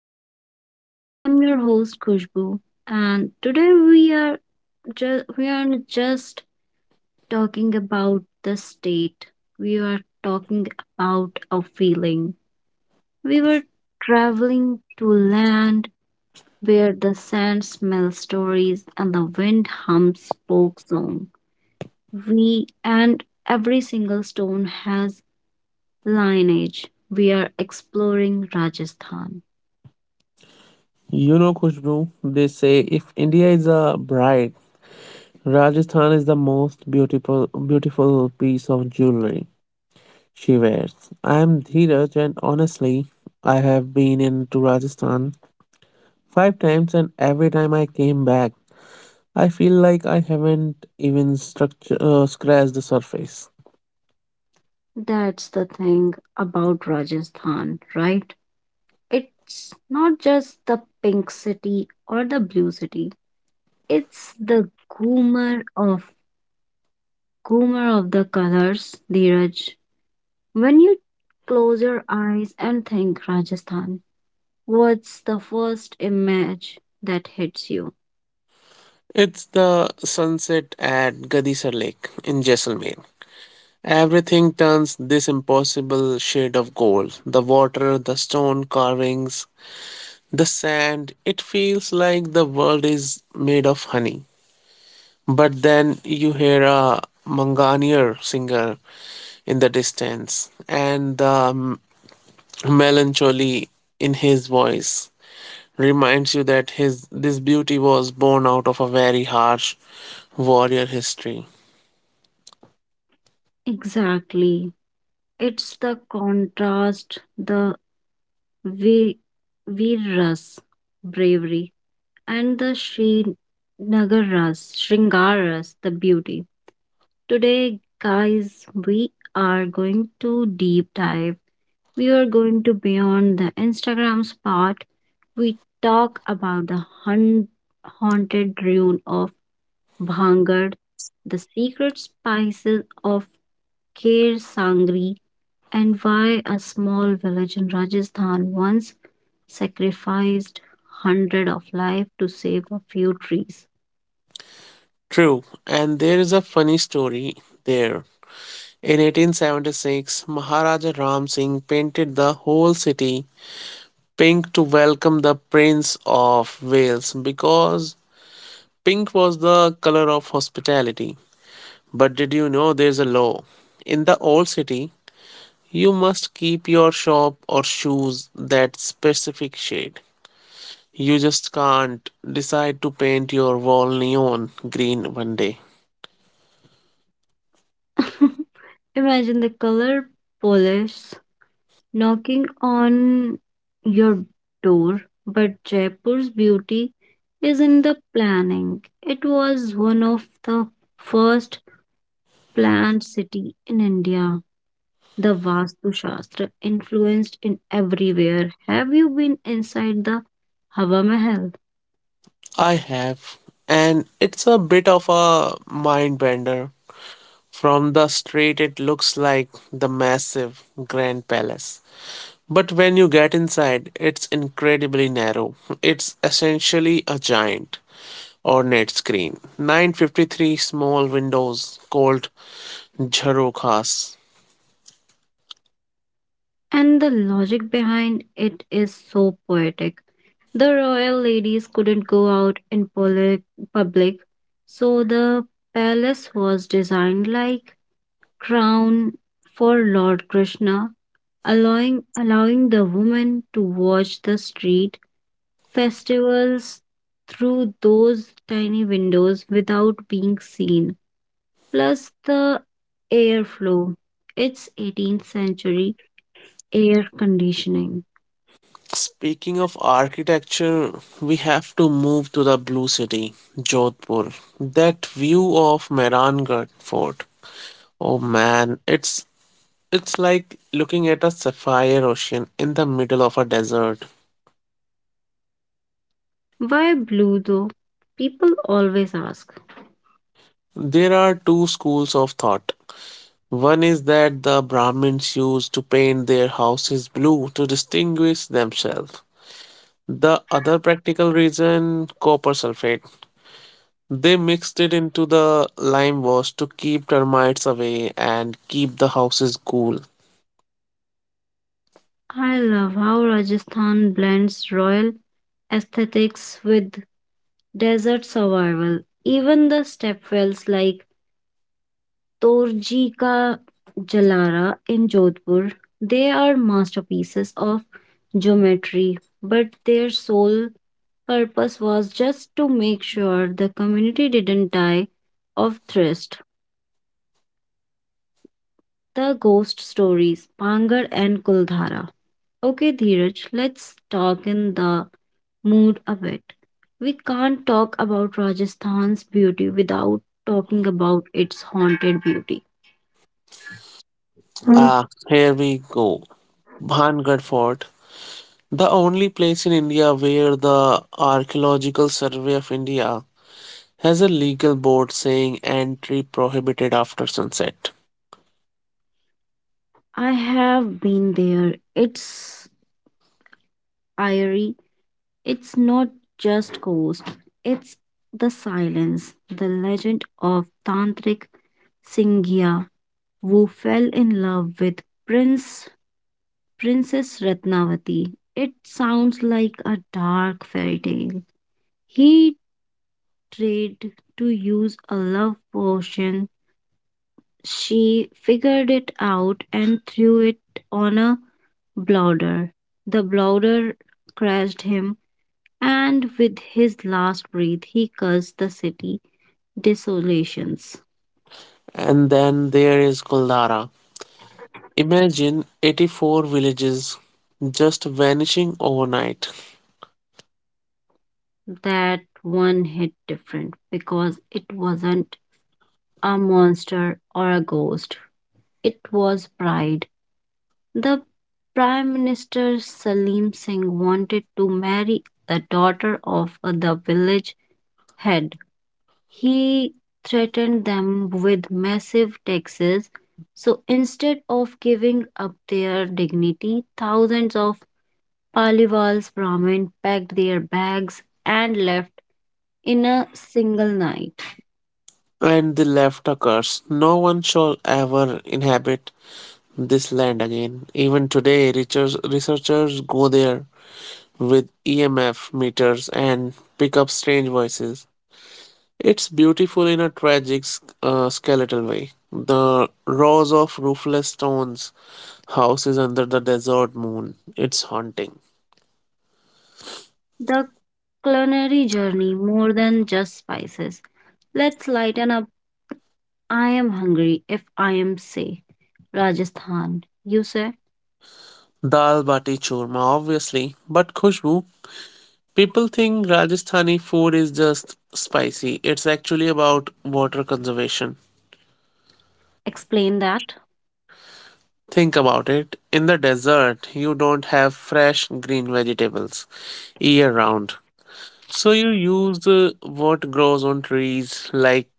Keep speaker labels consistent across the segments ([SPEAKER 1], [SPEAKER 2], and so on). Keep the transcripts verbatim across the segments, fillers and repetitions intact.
[SPEAKER 1] Echoes. I'm your host Kushbu, and today we are just we are just talking about the state. We are talking about a feeling. We were traveling to land where the sand smells stories and the wind hums folk song. We and every single stone has lineage. We are exploring Rajasthan.
[SPEAKER 2] You know, Khushbu, they say if India is a bride, Rajasthan is the most beautiful, beautiful piece of jewelry she wears. I am Dheeraj, and honestly, I have been into Rajasthan five times, and every time I came back, I feel like I haven't even structure, uh, scratched the surface.
[SPEAKER 1] That's the thing about Rajasthan, right? It's not just the pink city or the blue city. It's the goomer of goomer of the colors, Dheeraj. When you close your eyes and think Rajasthan, what's the first image that hits you?
[SPEAKER 2] It's the sunset at Gadisar Lake in Jaisalmer. Everything turns this impossible shade of gold. The water, the stone carvings, the sand. It feels like the world is made of honey. But then you hear a Manganier singer in the distance, and the melancholy in his voice reminds you that his this beauty was born out of a very harsh warrior history.
[SPEAKER 1] Exactly. It's the contrast, the vi- virus bravery and the Srinagaras, Shringaras, the beauty. Today, guys, we are going to deep dive. We are going to beyond the Instagrams part. We talk about the hun- haunted ruin of Bhangar, the secret spices of Kher Sangri, and why a small village in Rajasthan once sacrificed hundred of life to save a few trees.
[SPEAKER 2] True, and there is a funny story there. In eighteen seventy-six, Maharaja Ram Singh painted the whole city pink to welcome the Prince of Wales because pink was the color of hospitality. But did you know there's a law? In the old city, you must keep your shop or shoes that specific shade. You just can't decide to paint your wall neon green one day.
[SPEAKER 1] Imagine the color police knocking on your door, but Jaipur's beauty is in the planning. It was one of the first planned city in India. The Vastu Shastra influenced in everywhere. Have you been inside the Hava Mahal?
[SPEAKER 2] I have, and it's a bit of a mind bender. From the street, it looks like the massive Grand Palace. But when you get inside, it's incredibly narrow. It's essentially a giant ornate screen, nine hundred fifty-three small windows called jharokhas.
[SPEAKER 1] And the logic behind it is so poetic. The royal ladies couldn't go out in public, public, so the palace was designed like crown for Lord Krishna, allowing allowing the women to watch the street festivals through those tiny windows without being seen. Plus the airflow. It's eighteenth century air conditioning.
[SPEAKER 2] Speaking of architecture, we have to move to the Blue City, Jodhpur. That view of Mehrangarh Fort. Oh man, it's it's like looking at a sapphire ocean in the middle of a desert.
[SPEAKER 1] Why blue though? People always ask.
[SPEAKER 2] There are two schools of thought. One is that the Brahmins used to paint their houses blue to distinguish themselves. The other practical reason, copper sulfate. They mixed it into the lime wash to keep termites away and keep the houses cool.
[SPEAKER 1] I love how Rajasthan blends royal aesthetics with desert survival. Even the stepwells like Torji Ka Jalara in Jodhpur, they are masterpieces of geometry, but their sole purpose was just to make sure the community didn't die of thirst. The ghost stories, Pangar and Kuldhara. Okay, Dheeraj, let's talk in the mood a bit. We can't talk about Rajasthan's beauty without talking about its haunted beauty.
[SPEAKER 2] Ah, here we go. Bhangarh Fort. The only place in India where the Archaeological Survey of India has a legal board saying entry prohibited after sunset.
[SPEAKER 1] I have been there. It's eerie. It's not just ghost. It's the silence. The legend of Tantric Singhia, who fell in love with Prince Princess Ratnavati. It sounds like a dark fairy tale. He tried to use a love potion. She figured it out and threw it on a blowder. The blowder crashed him, and with his last breath, he cursed the city desolations.
[SPEAKER 2] And then there is Kuldara. Imagine eighty-four villages just vanishing overnight,
[SPEAKER 1] That one hit different because it wasn't a monster or a ghost. It was pride. The Prime Minister Salim Singh wanted to marry a daughter of the village head. He threatened them with massive taxes. So instead of giving up their dignity, thousands of Paliwals Brahmin packed their bags and left in a single night.
[SPEAKER 2] and the left a curse. No one shall ever inhabit this land again. Even today, research- researchers go there with E M F meters and pick up strange voices. It's beautiful in a tragic, uh, skeletal way. The rows of roofless stones House is under the desert moon. It's haunting.
[SPEAKER 1] The culinary journey more than just spices. Let's lighten up. I am hungry if I am safe. Rajasthan. You say,
[SPEAKER 2] Dal bati churma, obviously. But Khushbu, people think Rajasthani food is just spicy. It's actually about water conservation.
[SPEAKER 1] explain that.
[SPEAKER 2] Think about it. In the desert, you don't have fresh green vegetables year round. So you use uh, what grows on trees like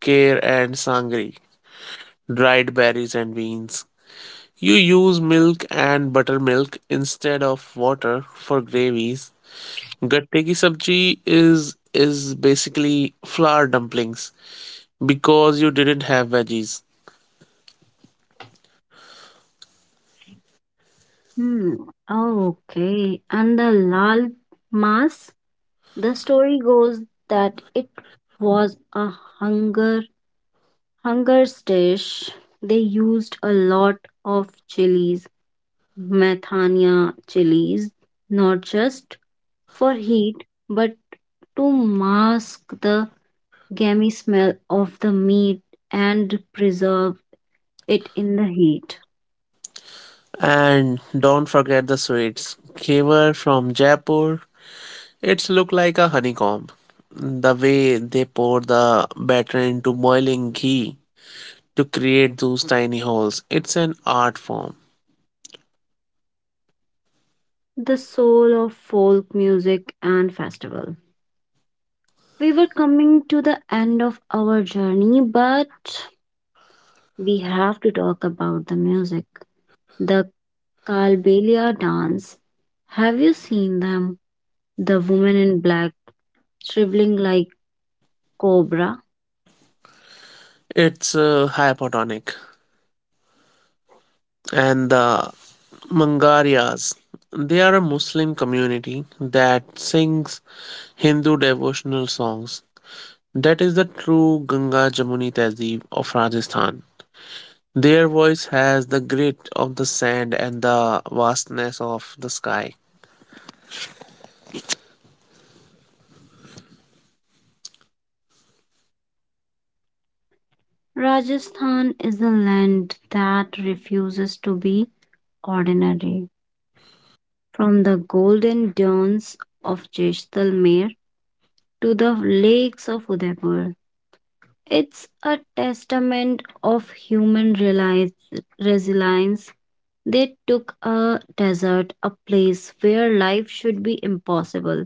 [SPEAKER 2] kale and sangri, dried berries and beans. You use milk and buttermilk instead of water for gravies. Gatte ki sabji is is basically flour dumplings because you didn't have veggies.
[SPEAKER 1] Hmm. Okay. And the Lal Mas. The story goes that it was a hunger hunger's dish. They used a lot of chilies, methania chilies, not just for heat, but to mask the gammy smell of the meat and preserve it in the heat.
[SPEAKER 2] And don't forget the sweets. Khevar from Jaipur. It's look like a honeycomb. The way they pour the batter into boiling ghee to create those tiny holes. It's an art form.
[SPEAKER 1] The soul of folk music and festival. We were coming to the end of our journey, but we have to talk about the music. The Kalbelia dance. Have you seen them? The woman in black, shriveling like cobra.
[SPEAKER 2] It's uh, hypotonic. And the Mangarias. They are a Muslim community that sings Hindu devotional songs. That is the true Ganga Jamuni Tehzeeb of Rajasthan. Their voice has the grit of the sand and the vastness of the sky.
[SPEAKER 1] Rajasthan is a land that refuses to be ordinary. From the golden dunes of Jaisalmer to the lakes of Udaipur, it's a testament of human realize, resilience. They took a desert, a place where life should be impossible,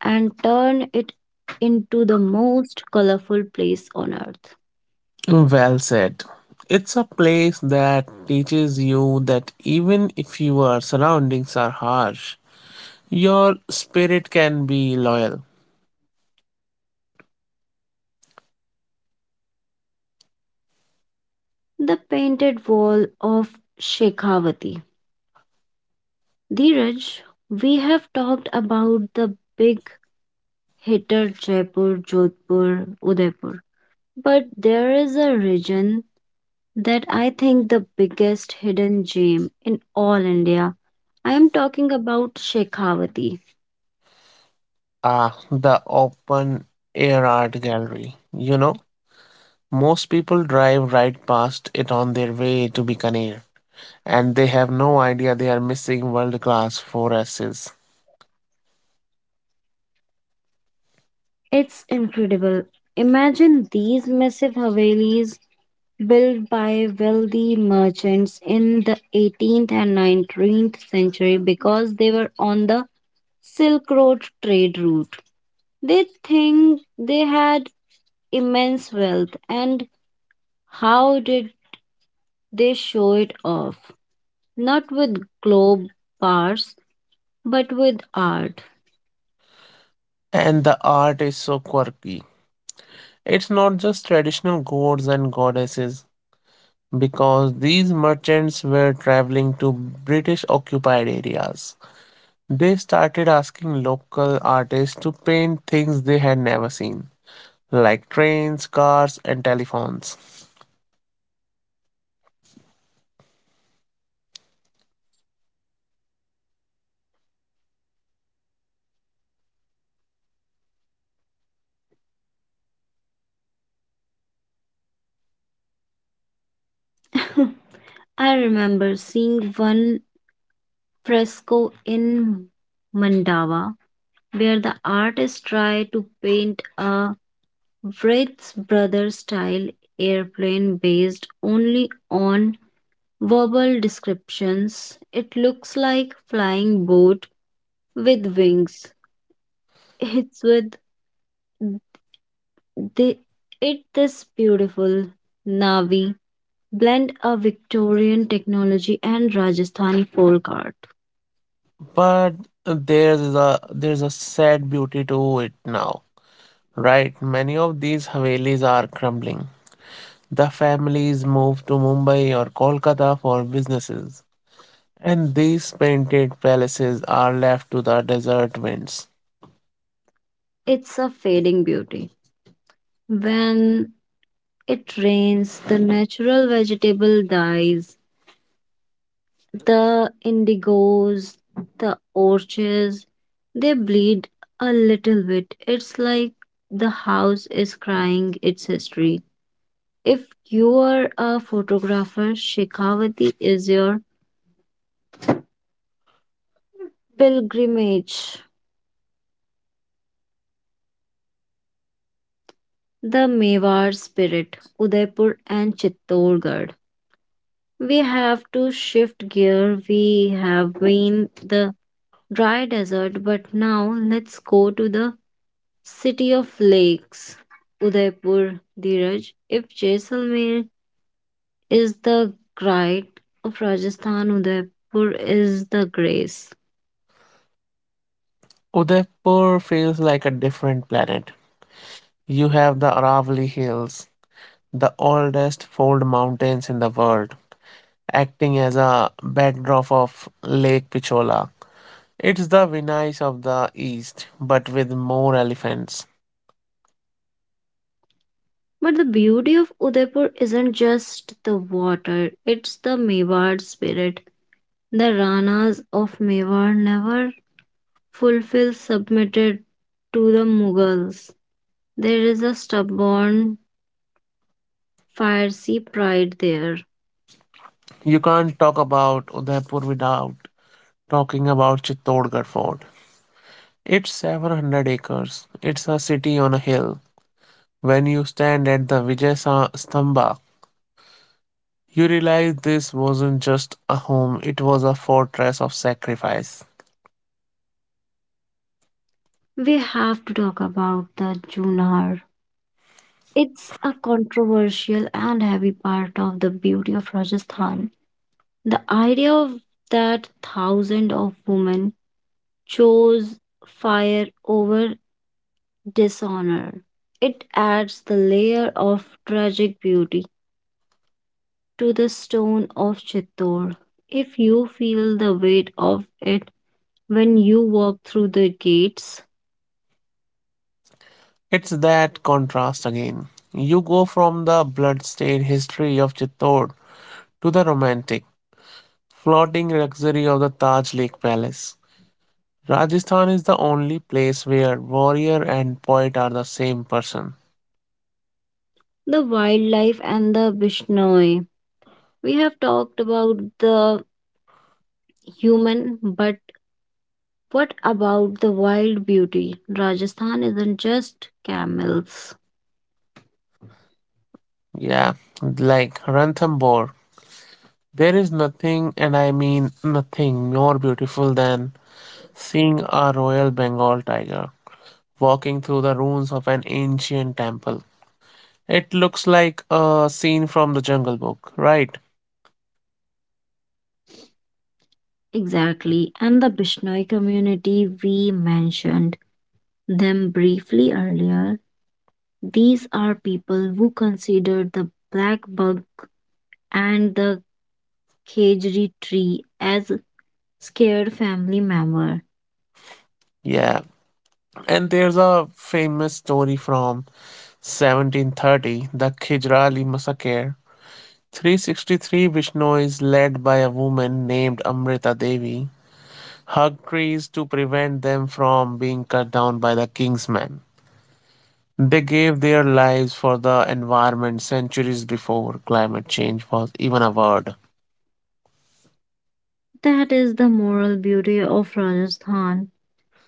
[SPEAKER 1] and turned it into the most colorful place on earth.
[SPEAKER 2] Well said. It's a place that teaches you that even if your surroundings are harsh, your spirit can be loyal.
[SPEAKER 1] The painted wall of Shekhavati. Dheeraj, we have talked about the big hitter Jaipur, Jodhpur, Udaipur, but there is a region that I think the biggest hidden gem in all India. I am talking about Shekhawati.
[SPEAKER 2] Ah, the open air art gallery. You know, most people drive right past it on their way to Bikaner, and they have no idea they are missing world class forces.
[SPEAKER 1] It's incredible. Imagine these massive havelis built by wealthy merchants in the eighteenth and nineteenth century because they were on the Silk Road trade route. They think they had immense wealth and how did they show it off? Not with globe bars but with art.
[SPEAKER 2] And the art is so quirky. It's not just traditional gods and goddesses, because these merchants were traveling to British occupied areas. They started asking local artists to paint things they had never seen, like trains, cars, and telephones.
[SPEAKER 1] I remember seeing one fresco in Mandawa where the artist tried to paint a Wright's brother style airplane based only on verbal descriptions. It looks like flying boat with wings. It's with the it this beautiful Navi blend of Victorian technology and Rajasthani folk art.
[SPEAKER 2] But there's a there's a sad beauty to it now, right? Many of these havelis are crumbling, the families move to Mumbai or Kolkata for businesses, and these painted palaces are left to the desert winds.
[SPEAKER 1] It's a fading beauty. When it rains, the natural vegetable dies. The indigos, the orchids, they bleed a little bit. It's like the house is crying its history. If you are a photographer, Shekhawati is your pilgrimage. The Mewar spirit, Udaipur and Chittorgarh. We have to shift gear. We have been the dry desert, but now let's go to the city of lakes, Udaipur, Dheeraj. If Jaisalmer is the pride of Rajasthan, Udaipur is the grace.
[SPEAKER 2] Udaipur feels like a different planet. You have the Aravali hills, the oldest fold mountains in the world, acting as a backdrop of Lake Pichola. It's the Venice of the East, but with more elephants.
[SPEAKER 1] But the beauty of Udaipur isn't just the water, it's the Mewar spirit. The Ranas of Mewar never fulfill submitted to the Mughals. There is a stubborn, fiery pride there.
[SPEAKER 2] You can't talk about Udaipur without talking about Chittorgarh Fort. It's seven hundred acres. It's a city on a hill. When you stand at the Vijay Sa- Stamba, you realize this wasn't just a home, it was a fortress of sacrifice.
[SPEAKER 1] We have to talk about the Junar. It's a controversial and heavy part of the beauty of Rajasthan. The idea of that thousands of women chose fire over dishonor. It adds the layer of tragic beauty to the stone of Chittor. If you feel the weight of it when you walk through the gates,
[SPEAKER 2] It's that contrast again. You go from the bloodstained history of Chittor to the romantic, floating luxury of the Taj Lake Palace. Rajasthan is the only place where warrior and poet are the same person.
[SPEAKER 1] the wildlife and the Bishnoi. We have talked about the human, but what about the wild beauty? Rajasthan isn't just camels.
[SPEAKER 2] Yeah, like Ranthambore. There is nothing, and I mean nothing, more beautiful than seeing a royal Bengal tiger walking through the ruins of an ancient temple. It looks like a scene from the Jungle Book, right?
[SPEAKER 1] Exactly. And the Bishnoi community, we mentioned them briefly earlier. These are people who consider the black bug and the Khejri tree as scared family member.
[SPEAKER 2] Yeah, and there's a famous story from seventeen thirty, the Khijrali massacre. three hundred sixty-three Vishnu is led by a woman named Amrita Devi, hug trees to prevent them from being cut down by the king's men. They gave their lives for the environment centuries before climate change was even a word.
[SPEAKER 1] That is the moral beauty of Rajasthan.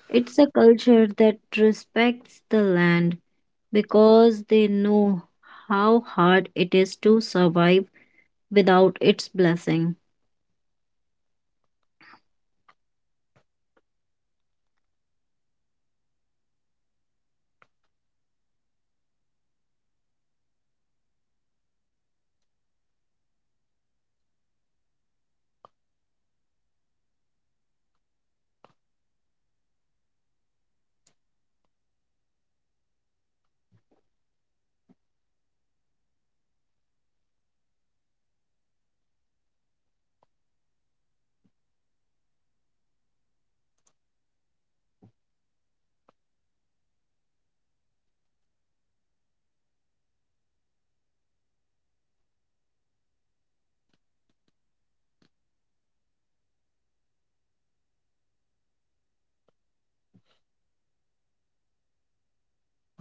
[SPEAKER 1] It's a culture that respects the land because they know how hard it is to survive without its blessing.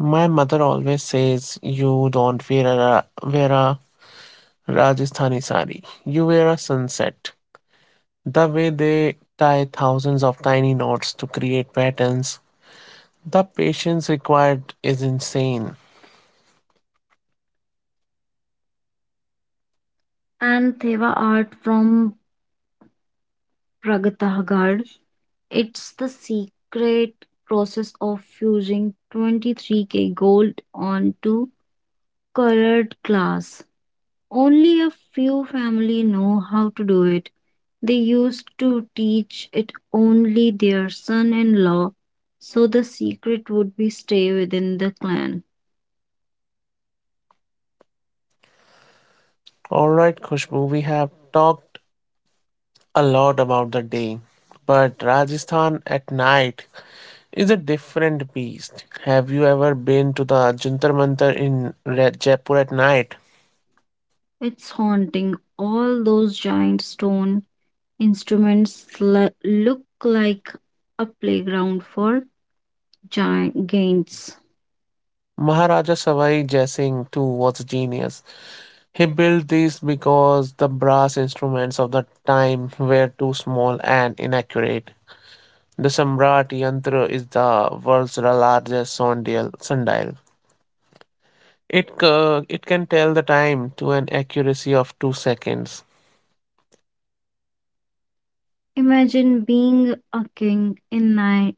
[SPEAKER 2] My mother always says, you don't wear a, ra- wear a Rajasthani sari, you wear a sunset. The way they tie thousands of tiny knots to create patterns, the patience required is insane.
[SPEAKER 1] And Theva art from Pragatagad, it's the secret process of fusing twenty-three k gold onto colored glass. Only a few family know how to do it. They used to teach it only their son-in-law, so the secret would be stay within the clan.
[SPEAKER 2] All right, Khushbu, we have talked a lot about the day, but Rajasthan at night is a different beast. Have you ever been to the Jantar Mantar in Re- Jaipur at night?
[SPEAKER 1] It's haunting. All those giant stone instruments l- look like a playground for giant games.
[SPEAKER 2] Maharaja Savai Jai Singh too was a genius. He built these because the brass instruments of the time were too small and inaccurate. The Samrat Yantra is the world's largest sundial. sundial. It ca it can tell the time to an accuracy of two seconds.
[SPEAKER 1] Imagine being a king in ni-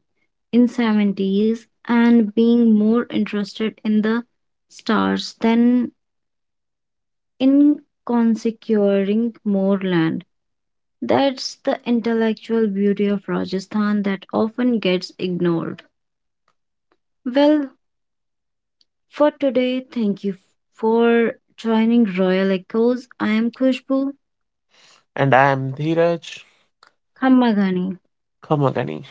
[SPEAKER 1] in seventies and being more interested in the stars than in consecuring more land. That's the intellectual beauty of Rajasthan that often gets ignored. Well, for today, thank you for joining Royal Echoes. I am Khushbu
[SPEAKER 2] And I am Dheeraj
[SPEAKER 1] Khammagani.
[SPEAKER 2] Kamagani.